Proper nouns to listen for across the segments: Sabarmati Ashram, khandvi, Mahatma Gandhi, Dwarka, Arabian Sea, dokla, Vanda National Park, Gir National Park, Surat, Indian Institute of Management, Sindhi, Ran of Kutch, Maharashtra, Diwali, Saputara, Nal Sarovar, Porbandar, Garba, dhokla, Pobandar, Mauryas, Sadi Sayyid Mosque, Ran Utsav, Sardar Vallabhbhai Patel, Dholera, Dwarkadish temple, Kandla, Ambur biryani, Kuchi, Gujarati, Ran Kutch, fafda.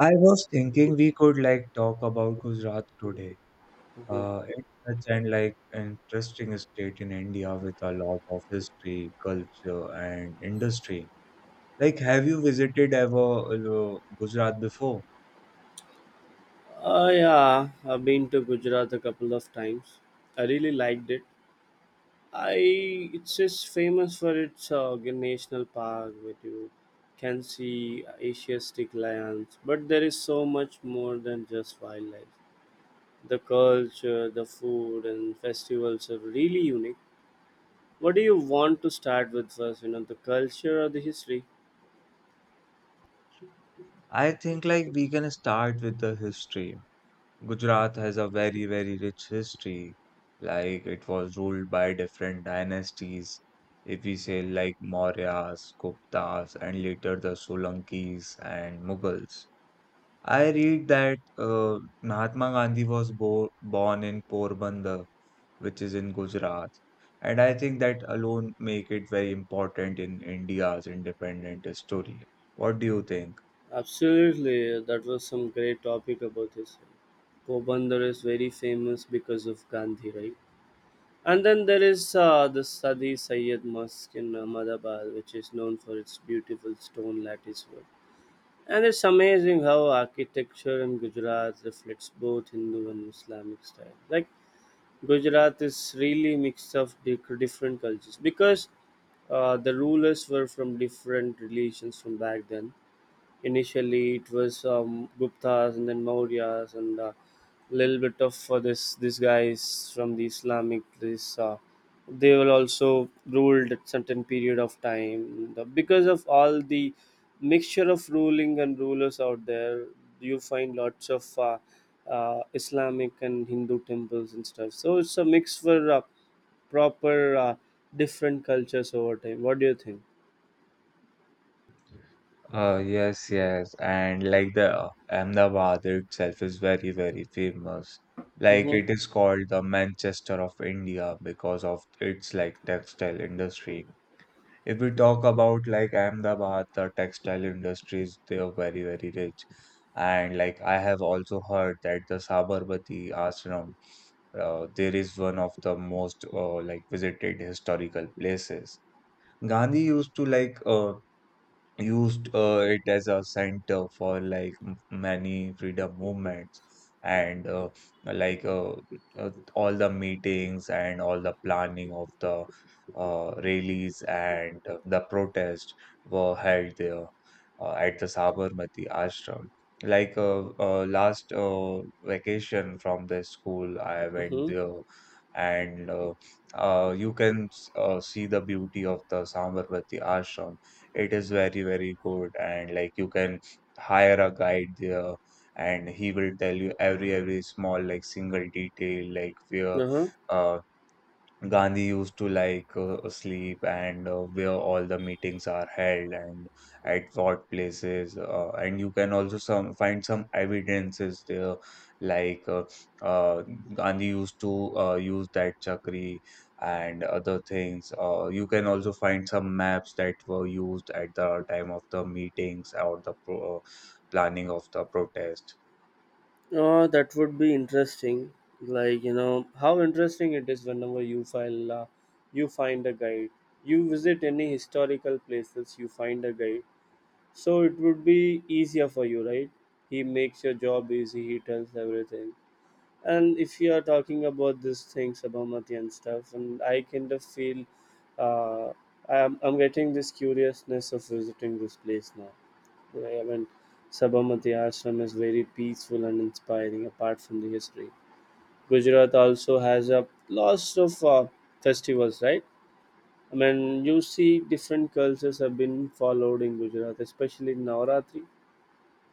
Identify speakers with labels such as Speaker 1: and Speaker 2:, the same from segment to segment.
Speaker 1: I was thinking we could like talk about Gujarat today.
Speaker 2: Mm-hmm.
Speaker 1: It's such an like interesting state in India with a lot of history, culture, and industry. Like, have you visited ever Gujarat before?
Speaker 2: Yeah, I've been to Gujarat a couple of times. I really liked it. I It's just famous for its national park where you can see Asiatic lions, but there is so much more than just wildlife. The culture, the food, and festivals are really unique. What do you want to start with first? The culture or the history?
Speaker 1: I think like we can start with the history. Gujarat has a very, very rich history. Like, it was ruled by different dynasties. If we say like Mauryas, Guptas, and later the Solankis and Mughals. I read that Mahatma Gandhi was bo born in Porbandar, which is in Gujarat, and I think that alone make it very important in India's independent story. What do you think?
Speaker 2: Absolutely, that was some great topic about this. Pobandar is very famous because of Gandhi, right? And then there is the Sadi Sayyid Mosque in Ahmedabad, which is known for its beautiful stone lattice work. And it's amazing how architecture in Gujarat reflects both Hindu and Islamic style. Like Gujarat is really mixed of different cultures because the rulers were from different religions from back then. Initially, it was Guptas and then Mauryas and a little bit of this these guys from the Islamic. This They will also ruled at certain period of time. Because of all the mixture of ruling and rulers out there. You find lots of Islamic and Hindu temples and stuff. So it's a mix for proper different cultures over time. What do you think?
Speaker 1: Yes, yes, and like the Ahmedabad itself is very, very famous. Like
Speaker 2: Mm-hmm.
Speaker 1: it is called the Manchester of India because of its like textile industry. If we talk about like Ahmedabad, the textile industries, they are very, very rich. And like I have also heard that the Sabarmati Ashram, there is one of the most like visited historical places. Gandhi used to like used it as a center for like many freedom movements and like all the meetings and all the planning of the rallies and the protests were held there at the Sabarmati ashram. Like last vacation from the school, I went
Speaker 2: Mm-hmm.
Speaker 1: there and you can see the beauty of the Sabarmati ashram. It is very, very good. And like you can hire a guide there and he will tell you every small, like single detail, like where
Speaker 2: Uh-huh.
Speaker 1: uh, Gandhi used to like sleep and where all the meetings are held and at what places. And you can also some find some evidences there, like uh, Gandhi used to use that chakri and other things. You can also find some maps that were used at the time of the meetings or the planning of the protest.
Speaker 2: Oh, that would be interesting. Like, you know, how interesting it is whenever you file, you find a guide. You visit any historical places, you find a guide. So it would be easier for you, right? He makes your job easy, he tells everything. And if you are talking about these things, Sabarmati and stuff, and I kind of feel uh, I'm getting this curiousness of visiting this place now. I mean, Sabarmati Ashram is very peaceful and inspiring. Apart from the history, Gujarat also has a lots of festivals, right? I mean, you see, different cultures have been followed in Gujarat, especially Navaratri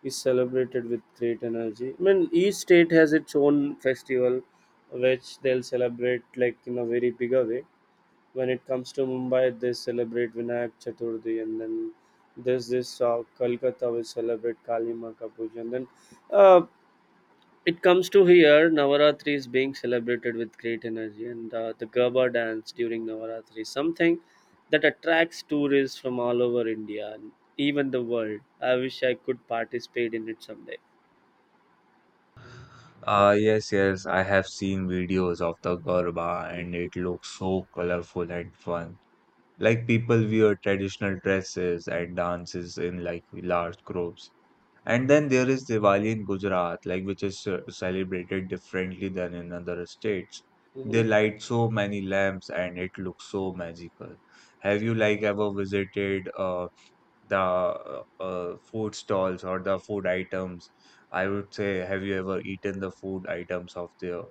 Speaker 2: is celebrated with great energy. I mean, each state has its own festival, which they'll celebrate like in a very bigger way. When it comes to Mumbai, they celebrate Vinayak Chaturthi, and then there's this Kolkata will celebrate Kali Ma Ka Puja, and then uh, it comes to here. Navaratri is being celebrated with great energy, and the Garba dance during Navaratri is something that attracts tourists from all over India and even the world. I wish I could participate in it someday.
Speaker 1: Yes, yes, I have seen videos of the Garba and it looks so colorful and fun. Like people wear traditional dresses and dances in like large groups. And then there is Diwali in Gujarat, like which is celebrated differently than in other states. They
Speaker 2: Hmm.
Speaker 1: light so many lamps and it looks so magical. Have you like ever visited the food stalls or the food items, I would say, have you ever eaten the food items of the.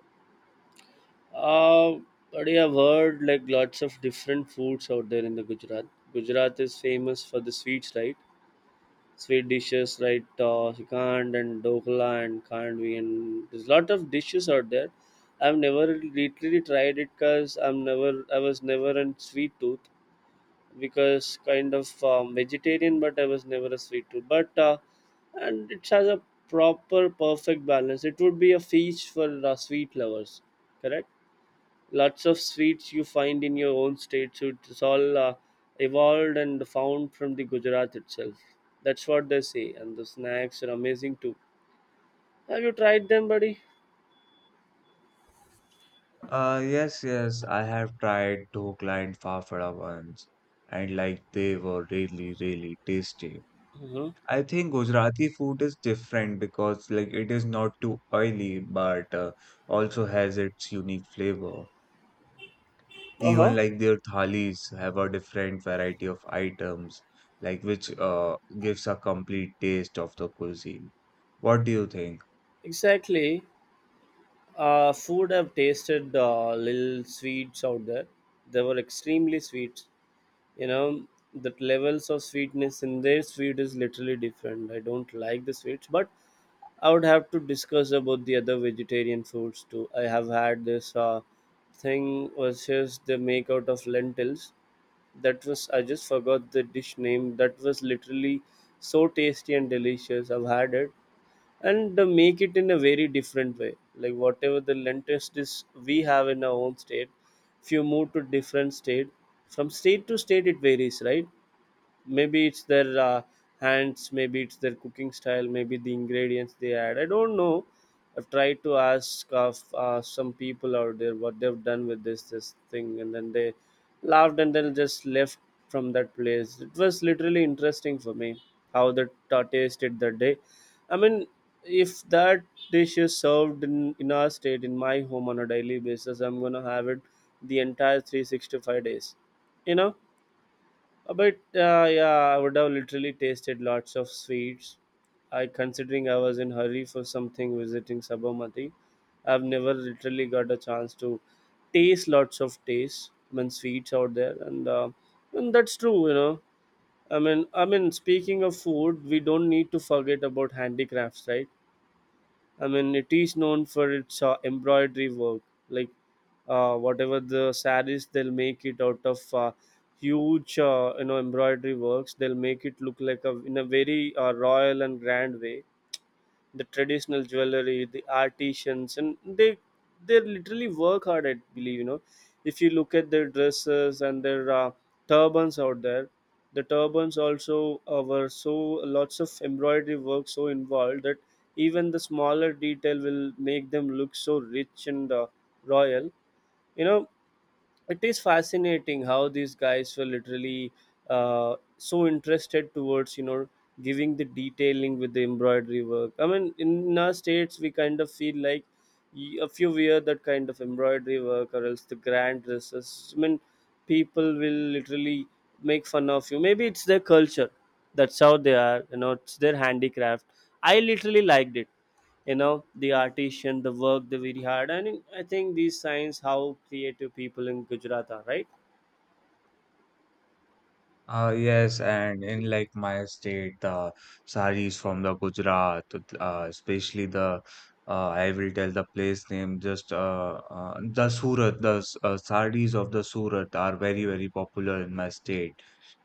Speaker 2: Uh, but yeah, I've heard like lots of different foods out there in the Gujarat. Gujarat is famous for the sweets, right? Sweet dishes, right? Khand and dokla and khandvi, and there's lot of dishes out there. I've never literally tried it because I was never a sweet tooth, because kind of vegetarian, but I was never a sweet tooth. But and it has a proper perfect balance. It would be a feast for sweet lovers. Correct, lots of sweets you find in your own state, so it's all evolved and found from the Gujarat itself, that's what they say. And the snacks are amazing too. Have you tried them, buddy?
Speaker 1: Yes, yes, I have tried dhokla and fafda once, and like they were really really tasty.
Speaker 2: Uh-huh.
Speaker 1: I think Gujarati food is different because like it is not too oily, but also has its unique flavor. Even
Speaker 2: Uh-huh.
Speaker 1: like their thalis have a different variety of items, like which gives a complete taste of the cuisine. What do you think?
Speaker 2: Exactly. Food, I've tasted little sweets out there, they were extremely sweet. you know the levels of sweetness in their sweet is literally different. I don't like the sweets, but I would have to discuss about the other vegetarian foods too. I have had this thing. Was just they make out of lentils. That was I just forgot the dish name. That was literally so tasty and delicious. I've had it, and they make it in a very different way. Like whatever the lentils dish we have in our own state, if you move to different state, from state to state it varies, right? Maybe it's their hands, maybe it's their cooking style, maybe the ingredients they add, I don't know. I've tried to ask of some people out there what they've done with this thing, and then they laughed and then just left from that place. It was literally interesting for me how that tasted that day. I mean, if that dish is served in our state in my home on a daily basis, I'm gonna have it the entire 365 days. you know But yeah, I would have literally tasted lots of sweets. I Considering I was in hurry for something visiting Sabarmati, I've never literally got a chance to taste lots of tastes. I mean sweets out there, and that's true. I mean, speaking of food, we don't need to forget about handicrafts, right? I mean, it is known for its embroidery work. Like whatever the saris, they'll make it out of huge, embroidery works. They'll make it look like a in a very royal and grand way. The traditional jewelry, the artisans, and they literally work hard, I believe. If you look at their dresses and their turbans out there, the turbans also were so lots of embroidery work so involved that even the smaller detail will make them look so rich and royal. You know it is fascinating how these guys were literally so interested towards giving the detailing with the embroidery work. I mean, in our states we kind of feel like, if you wear that kind of embroidery work or else the grand dresses, I mean, people will literally make fun of you. Maybe it's their culture, that's how they are. It's their handicraft. I literally liked it. The artisan, the work they very hard, and I think these signs how creative people in Gujarat are, right?
Speaker 1: Yes, and in like my state, the saris from the Gujarat, especially the I will tell the place name just the Surat, the saris of the Surat are very very popular in my state.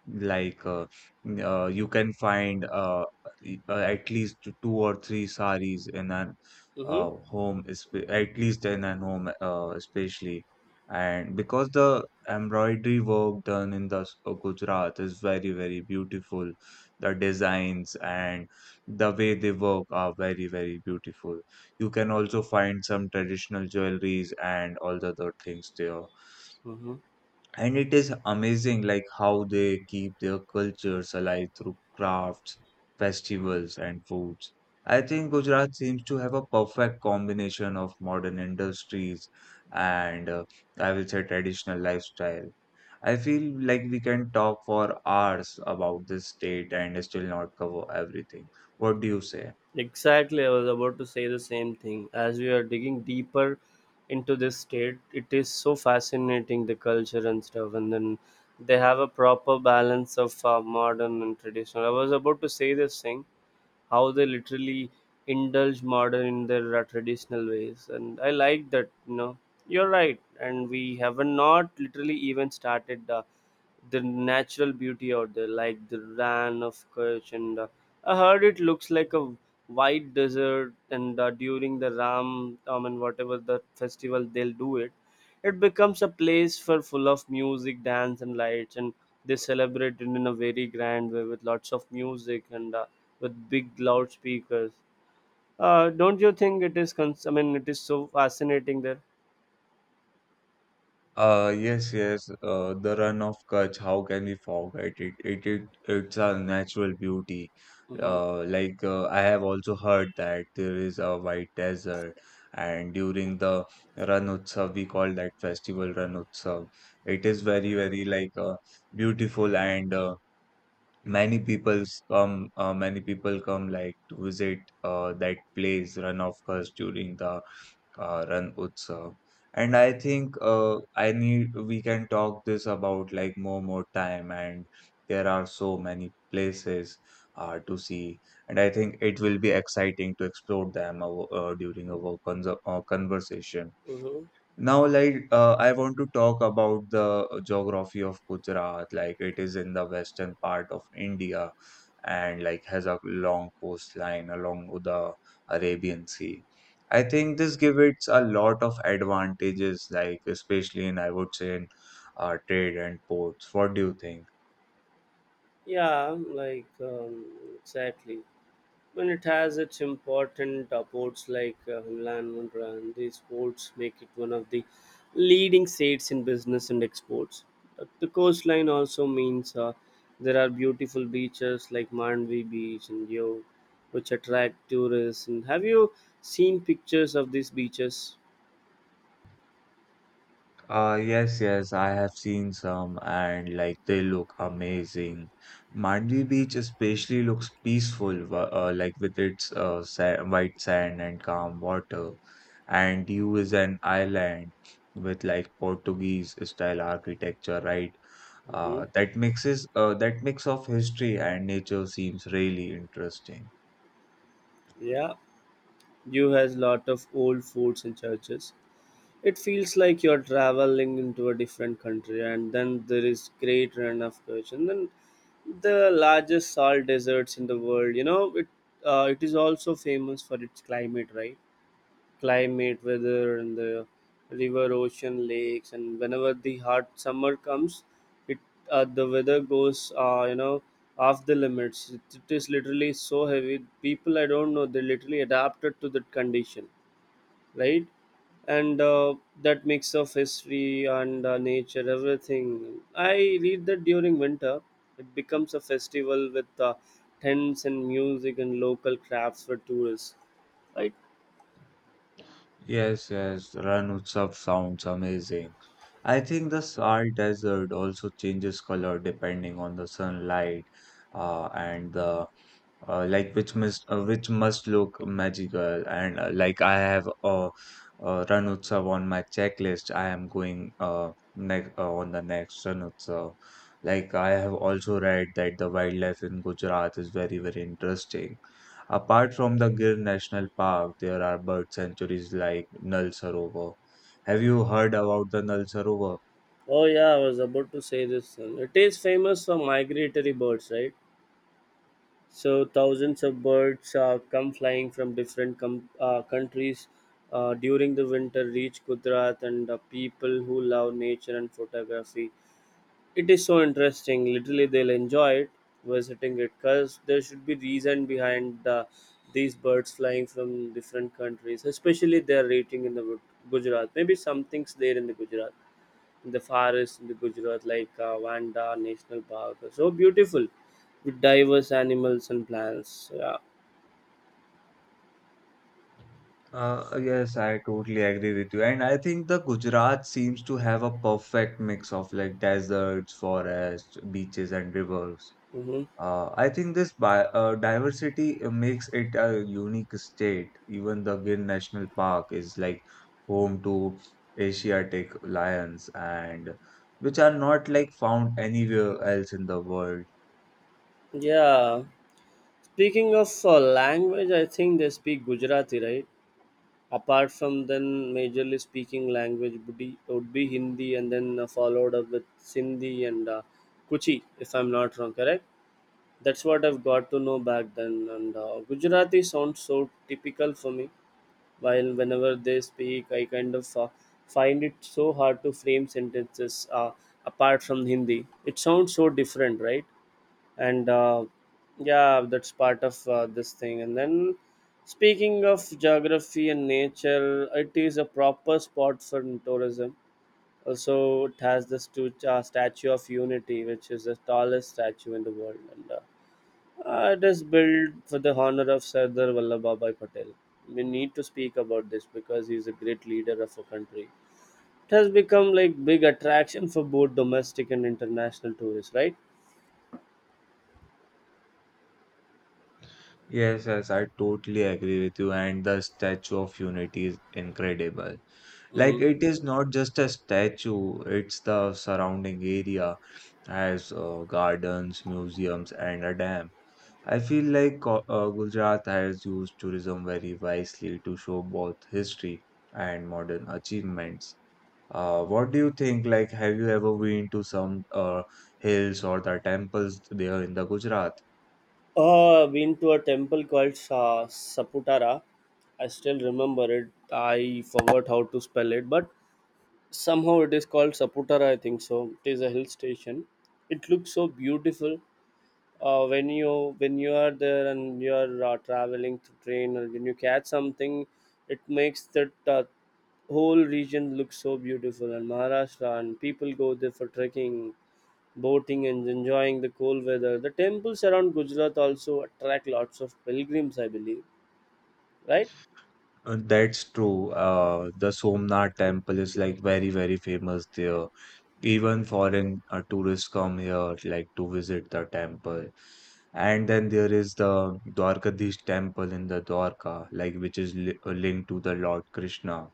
Speaker 1: Like you can find at least two or three saris in an
Speaker 2: Mm-hmm.
Speaker 1: home, at least in an home, especially. And because the embroidery work done in the Gujarat is very, very beautiful, the designs and the way they work are very, very beautiful. You can also find some traditional jewelries and all the other things there.
Speaker 2: Mm-hmm.
Speaker 1: And it is amazing like how they keep their cultures alive through crafts, festivals, and foods. I think Gujarat seems to have a perfect combination of modern industries and I will say traditional lifestyle. I feel like we can talk for hours about this state and still not cover everything. What do you say?
Speaker 2: Exactly, I was about to say the same thing. As we are digging deeper into this state, it is so fascinating, the culture and stuff. And then they have a proper balance of modern and traditional. I was about to say this thing, how they literally indulge modern in their traditional ways, and I like that. You're right, and we haven't not literally even started the natural beauty out there, like the Ran of Kutch. And I heard it looks like a white desert. And during the ram, and whatever the festival they'll do it, it becomes a place for full of music, dance, and lights. And they celebrate it in a very grand way, with lots of music and with big loudspeakers. Don't you think it is? I mean, it is so fascinating there.
Speaker 1: Yes, yes. The run of Kutch, how can we forget it? It's a natural beauty.
Speaker 2: Mm-hmm.
Speaker 1: Like I have also heard that there is a white desert, and during the Ran Utsav, we call that festival Ran Utsav. It is very, very like beautiful, and many people come. Many people come like to visit that place, Run of Kutch, during the Ran Utsav. And I think I need we can talk this about like more time, and there are so many places to see, and I think it will be exciting to explore them during our conversation.
Speaker 2: Mm-hmm.
Speaker 1: Now, like, I want to talk about the geography of Gujarat. Like, it is in the western part of India and, like, has a long coastline along with the Arabian Sea. I think this gives it a lot of advantages, like, especially in, I would say, in trade and ports. What do you think?
Speaker 2: Yeah, like exactly. When it has its important ports, like Hanlan, Mundra, and these ports make it one of the leading states in business and exports. The coastline also means there are beautiful beaches like Mandvi Beach and Yo, which attract tourists. And have you seen pictures of these beaches?
Speaker 1: Yes, yes, I have seen some and like they look amazing. Mandy Beach especially looks peaceful, like with its sa white sand and calm water. And you is an island with like Portuguese style architecture, right?
Speaker 2: Hmm.
Speaker 1: That mix of history and nature seems really interesting.
Speaker 2: Yeah, you has lot of old forts and churches. It feels like you're traveling into a different country. And then there is great run of question. And then the largest salt deserts in the world, it is also famous for its climate, right? Climate, weather, and the river, ocean, lakes, and whenever the hot summer comes, it the weather goes, off the limits. It is literally so heavy. People, I don't know, they literally adapted to that condition, right? And that mix of history and nature, everything. I read that during winter, it becomes a festival with tents and music and local crafts for tourists.
Speaker 1: Yes, yes, Ran Utsav sounds amazing. I think the salt desert also changes color depending on the sunlight, and the like which must look magical. And like I have Ran Utsav on my checklist. I am going next on the next Ran Utsav. Like I have also read that the wildlife in Gujarat is very very interesting. Apart from the Gir National Park, there are bird sanctuaries like Nal Sarovar. Have you heard about the Nal Sarovar?
Speaker 2: Oh yeah, I was about to say this. It is famous for migratory birds, right? So thousands of birds come flying from different countries during the winter, reach Gujarat, and people who love nature and photography, it is so interesting. Literally, they'll enjoy it visiting it, because there should be reason behind these birds flying from different countries, especially their rating in the Gujarat. Maybe something's there in the Gujarat, in the forest in the Gujarat, like Vanda National Park. So beautiful, with diverse animals and plants. Yeah.
Speaker 1: Yes, I totally agree with you. And I think the Gujarat seems to have a perfect mix of like deserts, forests, beaches, and rivers.
Speaker 2: Hmm.
Speaker 1: I think this bi diversity makes it a unique state. Even the Gir National Park is like home to Asiatic lions and which are not like found anywhere else in the world.
Speaker 2: Yeah. Speaking of language, I think they speak Gujarati, right? Apart from then, majorly speaking language would be Hindi, and then followed up with Sindhi, and Kuchi, if I'm not wrong, correct? That's what I've got to know back then. And Gujarati sounds so typical for me. While whenever they speak, I kind of find it so hard to frame sentences apart from Hindi. It sounds so different, right? and Yeah, that's part of this thing, and then speaking of geography and nature, it is a proper spot for tourism. Also, it has the Statue of Unity, which is the tallest statue in the world, and it is built for the honor of Sardar Vallabhbhai Patel. We need to speak about this because he is a great leader of a country. It has become like big attraction for both domestic and international tourists, right?
Speaker 1: Yes, yes, I totally agree with you. And the Statue of Unity is incredible.
Speaker 2: hmm
Speaker 1: Like it is not just a statue, it's the surrounding area has gardens, museums, and a dam. I feel like Gujarat has used tourism very wisely to show both history and modern achievements. What do you think? Like, have you ever been to some hills or the temples there in the Gujarat?
Speaker 2: I've been to a temple called Saputara. I still remember it. I forgot how to spell it, but somehow it is called Saputara, I think so. It is a hill station. It looks so beautiful. When you are there and you are traveling through train, or when you catch something, it makes that whole region look so beautiful. And Maharashtra, and people go there for trekking, boating, and enjoying the cool weather. The temples around Gujarat also attract lots of pilgrims, I believe, right?
Speaker 1: That's true. The Somnath temple is like very, very famous there. Even foreign tourists come here like to visit the temple. And then there is the Dwarkadish temple in the Dwarka, like which is li linked to the Lord Krishna.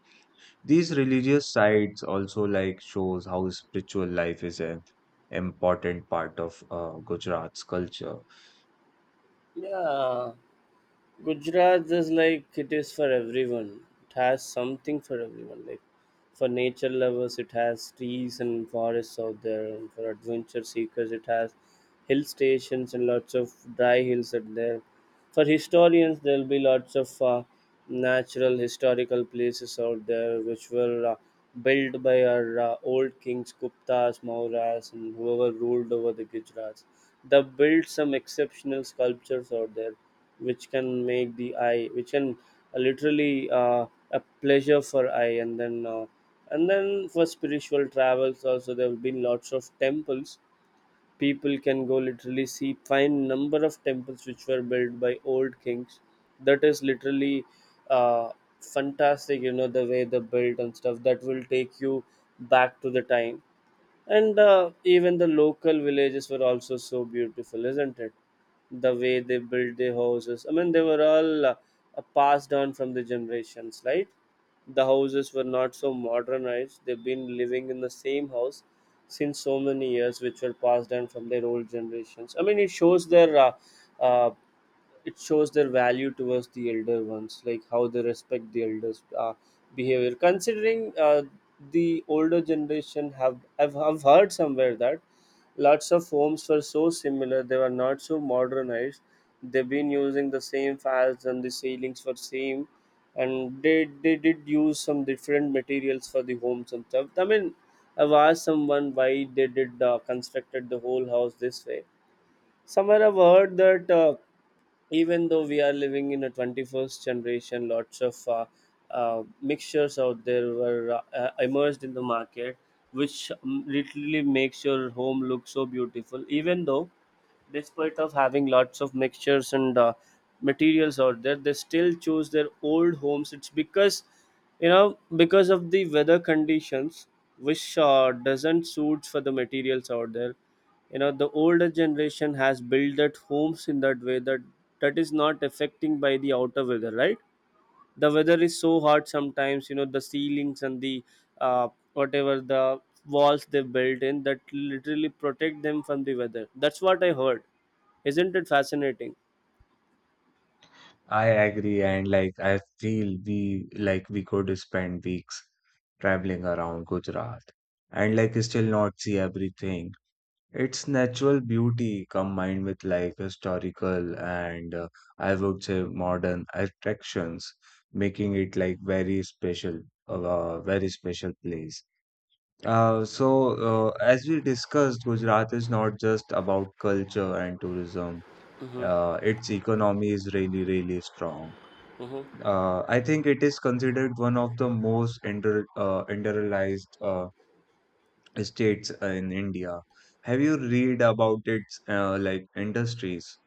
Speaker 1: These religious sites also like shows how spiritual life is an important part of Gujarat's culture.
Speaker 2: Yeah, Gujarat is like it is for everyone. It has something for everyone. Like, for nature lovers, it has trees and forests out there. And for adventure seekers, it has hill stations and lots of dry hills out there. For historians, there will be lots of natural historical places out there, which were built by our old kings, Guptas, Mauryas, and whoever ruled over the Gujarats. They built some exceptional sculptures out there, which can make the eye which can literally a pleasure for eye, and then for spiritual travels also, there have been lots of temples. People can go literally see find number of temples which were built by old kings. That is literally uh, fantastic, you know, the way they built and stuff. That will take you back to the time. And even the local villages were also so beautiful, isn't it? The way they built their houses, I mean, they were all passed on from the generations, right? The houses were not so modernized. They've been living in the same house since so many years, which were passed down from their old generations. I mean, uh, it shows their value towards the elder ones, like how they respect the elders, behavior considering the older generation. Have I've heard somewhere that lots of homes were so similar. They were not so modernized. They've been using the same files and the ceilings were same, and they did use some different materials for the homes and stuff. I mean, I've asked someone why they did constructed the whole house this way. Somewhere I've heard that, even though we are living in a 21st generation, lots of mixtures out there were emerged in the market, which literally makes your home look so beautiful. Even though, despite of having lots of mixtures and materials out there, they still choose their old homes. It's because, you know, because of the weather conditions, which doesn't suit for the materials out there. You know, the older generation has built that homes in that way that that is not affecting by the outer weather, right? The weather is so hot sometimes. You know, the ceilings and the uh, whatever the walls they built in that literally protect them from the weather. That's what I heard. Isn't it fascinating?
Speaker 1: I agree, and like I feel we could spend weeks traveling around Gujarat, and like still not see everything. Its natural beauty combined with like historical and I would say modern attractions, making it like very special place. So as we discussed, Gujarat is not just about culture and tourism.
Speaker 2: Mm-hmm.
Speaker 1: Its economy is really, really strong.
Speaker 2: Mm-hmm.
Speaker 1: I think it is considered one of the most underrealized states in India. Have you read about its like industries?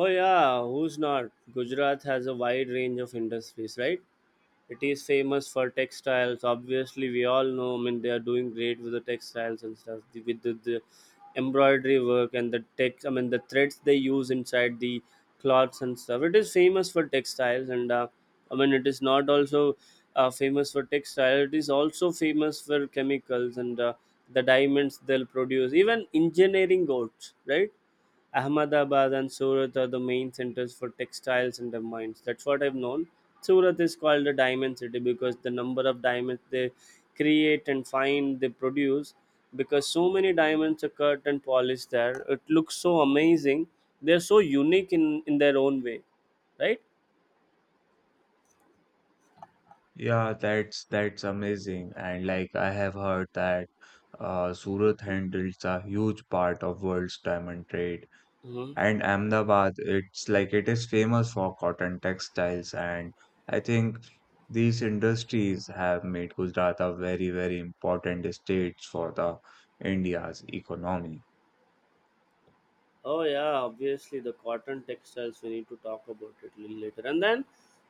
Speaker 2: Oh yeah, who's not? Gujarat has a wide range of industries, right? It is famous for textiles, obviously, we all know. I mean, they are doing great with the textiles and stuff. With the embroidery work and the text, I mean, the threads they use inside the cloths and stuff. It is famous for textiles, and I mean, it is not also famous for textile. It is also famous for chemicals and the diamonds they'll produce. Even engineering goats, right? Ahmedabad and Surat are the main centers for textiles and the mines. That's what I've known. Surat is called the diamond city because the number of diamonds they create and find they produce, because so many diamonds are cut and polished there. It looks so amazing. They're so unique in their own way, right?
Speaker 1: Yeah, that's amazing. And like I have heard that Surat handles a huge part of world's diamond trade.
Speaker 2: hmm
Speaker 1: And Ahmedabad, it's like it is famous for cotton textiles, and I think these industries have made Gujarat a very, very important state for the India's economy.
Speaker 2: Oh yeah, obviously the cotton textiles, we need to talk about it little later. And then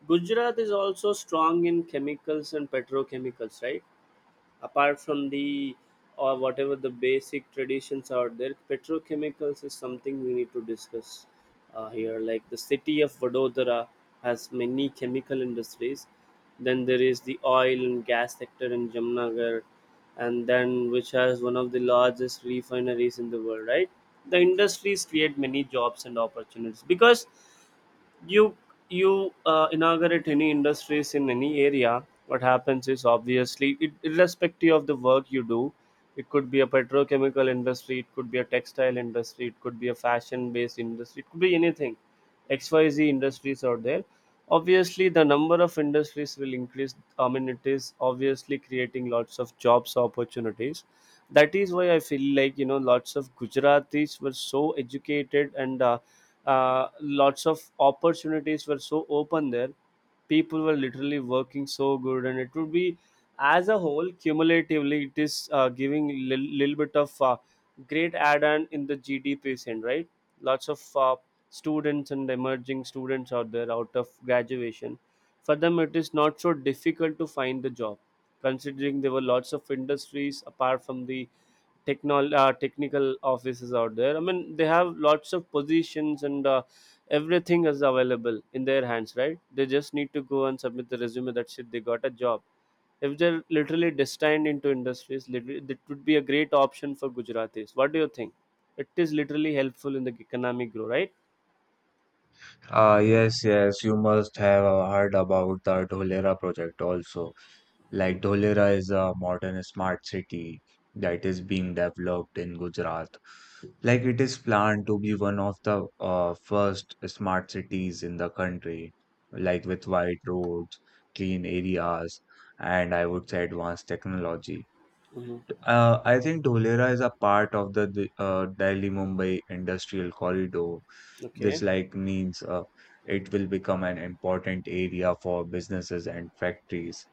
Speaker 2: Gujarat is also strong in chemicals and petrochemicals, right? Apart from the, or whatever the basic traditions out there, petrochemicals is something we need to discuss here. Like the city of Vadodara has many chemical industries. Then there is the oil and gas sector in Jamnagar, and then which has one of the largest refineries in the world, right? The industries create many jobs and opportunities, because you you inaugurate any industries in any area, what happens is obviously it, irrespective of the work you do, it could be a petrochemical industry, it could be a textile industry, it could be a fashion based industry, it could be anything. XYZ industries out there, obviously the number of industries will increase. I mean, it is obviously creating lots of jobs opportunities. That is why I feel like, you know, lots of Gujaratis were so educated, and lots of opportunities were so open there. People were literally working so good, and it would be, as a whole cumulatively, it is giving a little bit of great add-on in the GDP scene, right? Lots of students and emerging students out there out of graduation, for them it is not so difficult to find the job, considering there were lots of industries apart from the technol technical offices out there. I mean, they have lots of positions, and everything is available in their hands, right? They just need to go and submit the resume. That's it. They got a job. If they're literally destined into industries, literally, that would be a great option for Gujaratis. What do you think? It is literally helpful in the economic growth, right?
Speaker 1: Ah, yes, yes, you must have heard about the Dholera project also. Like Dholera is a modern smart city that is being developed in Gujarat. Like it is planned to be one of the first smart cities in the country, like with wide roads, clean areas, and I would say advanced technology.
Speaker 2: Mm-hmm.
Speaker 1: I think Dholera is a part of the Delhi-Mumbai industrial corridor, which
Speaker 2: Okay.
Speaker 1: like means it will become an important area for businesses and factories.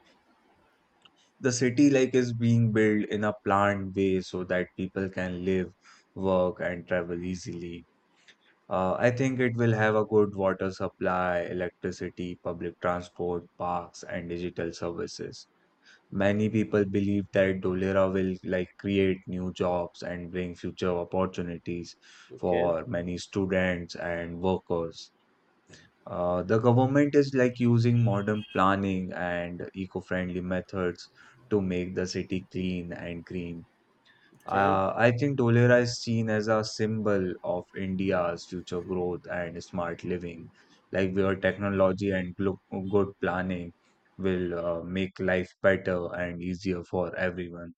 Speaker 1: The city like is being built in a planned way so that people can live, work, and travel easily. I think it will have a good water supply, electricity, public transport, parks, and digital services. Many people believe that Dolera will like create new jobs and bring future opportunities
Speaker 2: Okay.
Speaker 1: for many students and workers. The government is like using modern planning and eco-friendly methods to make the city clean and green.
Speaker 2: Okay.
Speaker 1: I think Dholera is seen as a symbol of India's future growth and smart living, like where technology and good planning will make life better and easier for everyone.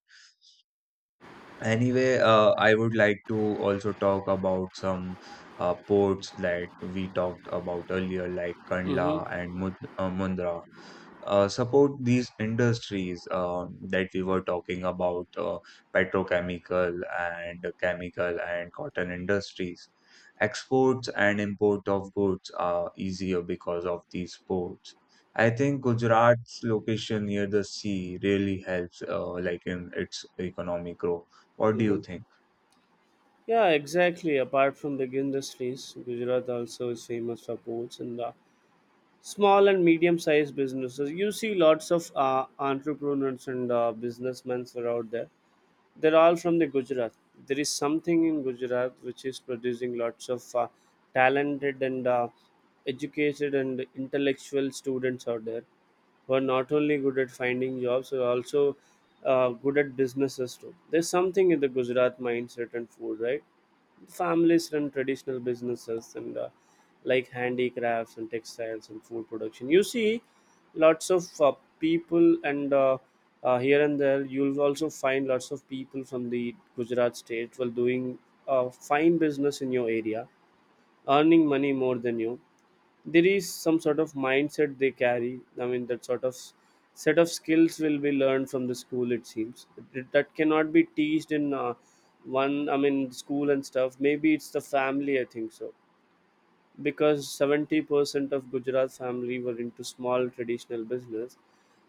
Speaker 1: Anyway, I would like to also talk about some ports that we talked about earlier, like
Speaker 2: Mm-hmm.
Speaker 1: Kandla and Mud Mundra support these industries that we were talking about, petrochemical and chemical and cotton industries. Exports and import of goods are easier because of these ports. I think Gujarat's location near the sea really helps, like in its economic growth. What do you
Speaker 2: Mm-hmm.
Speaker 1: think?
Speaker 2: Yeah, exactly. Apart from the industries, Gujarat also is famous for ports and small and medium sized businesses. You see lots of entrepreneurs and businessmen are out there. They're all from the Gujarat. There is something in Gujarat which is producing lots of talented and educated and intellectual students out there, who are not only good at finding jobs but also good at businesses too. There's something in the Gujarat mindset and food, right? Families run traditional businesses and like handicrafts and textiles and food production. You see lots of people, and here and there you'll also find lots of people from the Gujarat state while doing fine business in your area, earning money more than you. There is some sort of mindset they carry. I mean, that sort of set of skills will be learned from the school, it seems. That cannot be teached in one, I mean, school and stuff. Maybe it's the family, I think so, because 70% of Gujarat family were into small traditional business,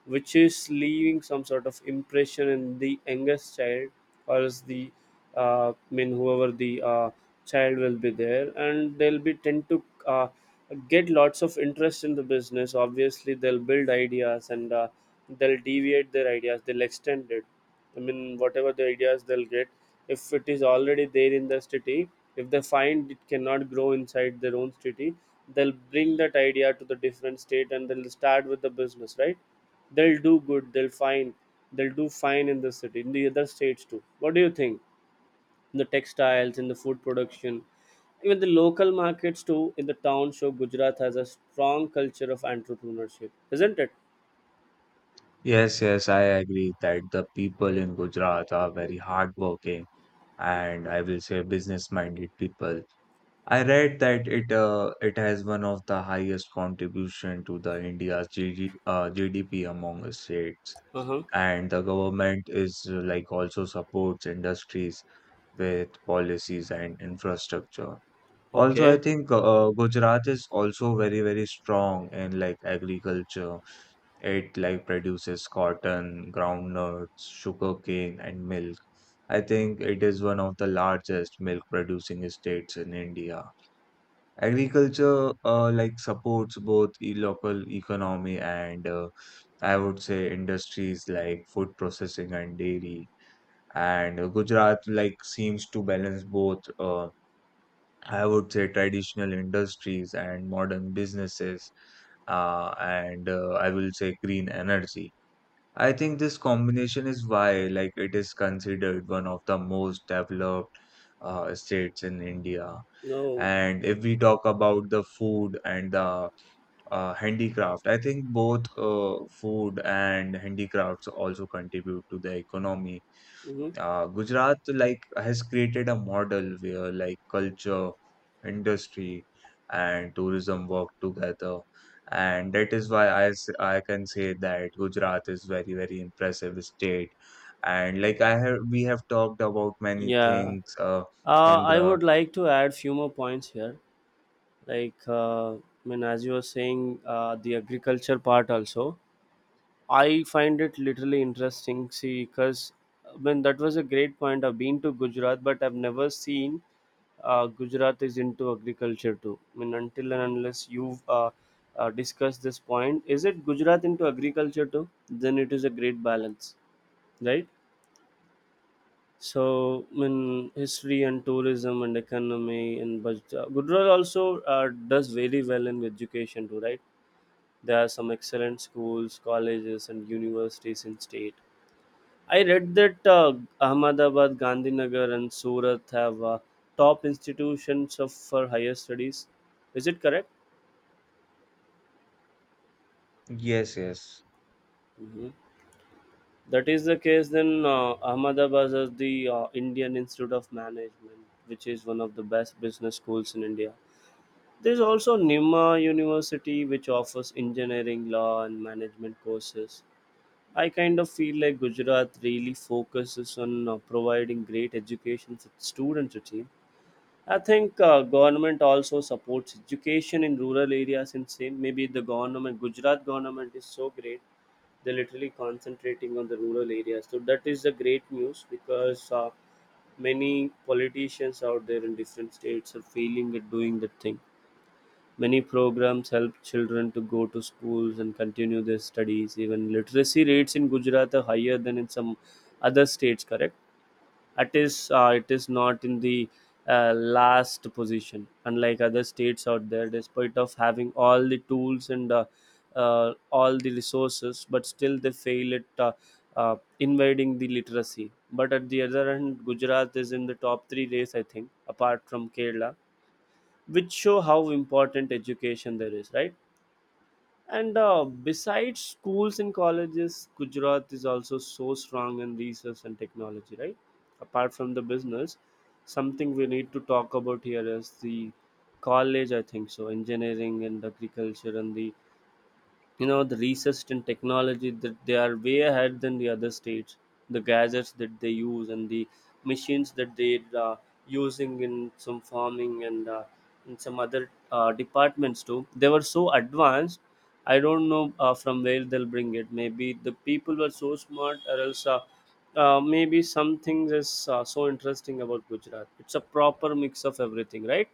Speaker 2: which is leaving some sort of impression in the youngest child, or else the I mean whoever the child will be there, and they'll be tend to get lots of interest in the business. Obviously, they'll build ideas, and they'll deviate their ideas. They'll extend it. I mean, whatever the ideas they'll get, if it is already there in the city, if they find it cannot grow inside their own city, they'll bring that idea to the different state and they'll start with the business, right? They'll do good, they'll find, they'll do fine in the city, in the other states too. What do you think? In the textiles, in the food production, even the local markets too, in the town show, Gujarat has a strong culture of entrepreneurship, isn't it?
Speaker 1: Yes, yes, I agree that the people in Gujarat are very hardworking and I will say business-minded people. I read that it has one of the highest contribution to the India's GDP among the states,
Speaker 2: Uh huh.
Speaker 1: and the government is like also supports industries with policies and infrastructure. Also, I
Speaker 2: Okay.
Speaker 1: think Gujarat is also very very strong in like agriculture. It like produces cotton, groundnuts, sugarcane, and milk. I think it is one of the largest milk producing states in India. Agriculture like supports both the local economy and I would say industries like food processing and dairy. And Gujarat like seems to balance both I would say traditional industries and modern businesses and I will say green energy. I think this combination is why like it is considered one of the most developed states in India.
Speaker 2: No.
Speaker 1: And if we talk about the food and the handicraft, I think both food and handicrafts also contribute to the economy.
Speaker 2: Mm-hmm.
Speaker 1: Gujarat like has created a model where like culture, industry, and tourism work together. And that is why I can say that Gujarat is very, very impressive state. And like we have talked about many
Speaker 2: Yeah.
Speaker 1: things in
Speaker 2: I
Speaker 1: the,
Speaker 2: would like to add few more points here. Like, I mean, as you were saying, the agriculture part also, I find it literally interesting. See, because I mean, that was a great point. I've been to Gujarat, but I've never seen Gujarat is into agriculture too. I mean, until and unless you've discussed this point, is it Gujarat into agriculture too? Then it is a great balance, right? So, in history and tourism and economy and budget, Gujarat also does very well in education too, right? There are some excellent schools, colleges, and universities in state. I read that Ahmedabad, Gandhinagar, and Surat have top institutions of for higher studies. Is it correct?
Speaker 1: yes, yes.
Speaker 2: Mhm. That is the case. Then Ahmedabad has the Indian Institute of Management, which is one of the best business schools in India. There's also Nima University, which offers engineering, law, and management courses. I kind of feel like Gujarat really focuses on providing great education for students. Achieve. I think government also supports education in rural areas in same. Maybe the government, Gujarat government is so great. They're literally concentrating on the rural areas. So that is the great news, because many politicians out there in different states are failing at doing that thing. Many programs help children to go to schools and continue their studies. Even literacy rates in Gujarat are higher than in some other states. Correct? It is not in the last position, unlike other states out there. Despite of having all the tools and all the resources, but still they fail at invading the literacy. But at the other hand, Gujarat is in the top three race, I think, apart from Kerala, which show how important education there is, right? And besides schools and colleges, Gujarat is also so strong in research and technology, right? Apart from the business, something we need to talk about here is the college, I think so. Engineering and agriculture, and the, you know, the research and technology, that they are way ahead than the other states. The gadgets that they use and the machines that they are using in some farming and in some other departments too, they were so advanced. I don't know from where they'll bring it. Maybe the people were so smart, or else maybe something is so interesting about Gujarat. It's a proper mix of everything, right?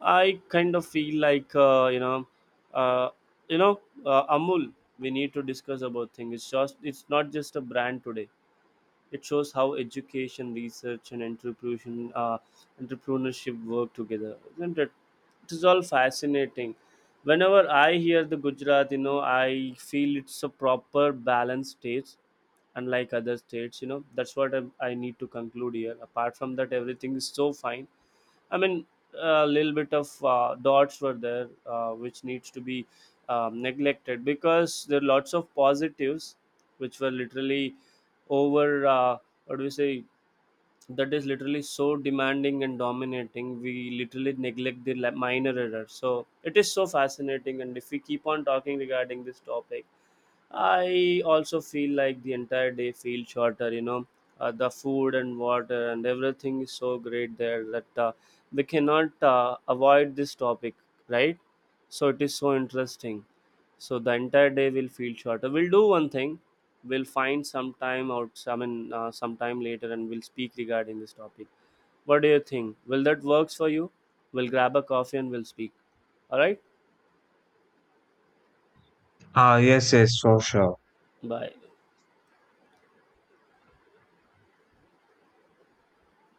Speaker 2: I kind of feel like uh, Amul. We need to discuss about things. It's not just a brand today. It shows how education, research, and entrepreneurship work together, isn't it? It is all fascinating. Whenever I hear the Gujarat, you know, I feel it's a proper balanced state, unlike other states. You know, that's what I need to conclude here. Apart from that, everything is so fine. I mean, a little bit of dots were there, which needs to be neglected, because there are lots of positives, which were literally over. What do we say? That is literally so demanding and dominating. We literally neglect the minor errors. So it is so fascinating, and if we keep on talking regarding this topic, I also feel like the entire day feels shorter, you know. The food and water and everything is so great there, that we cannot avoid this topic, right? So it is so interesting. So the entire day will feel shorter. We'll do one thing. We'll find some time out, I mean, some time later, and we'll speak regarding this topic. What do you think? Will that works for you? We'll grab a coffee and we'll speak. All right.
Speaker 1: Ah, yes, yes, for sure.
Speaker 2: Bye.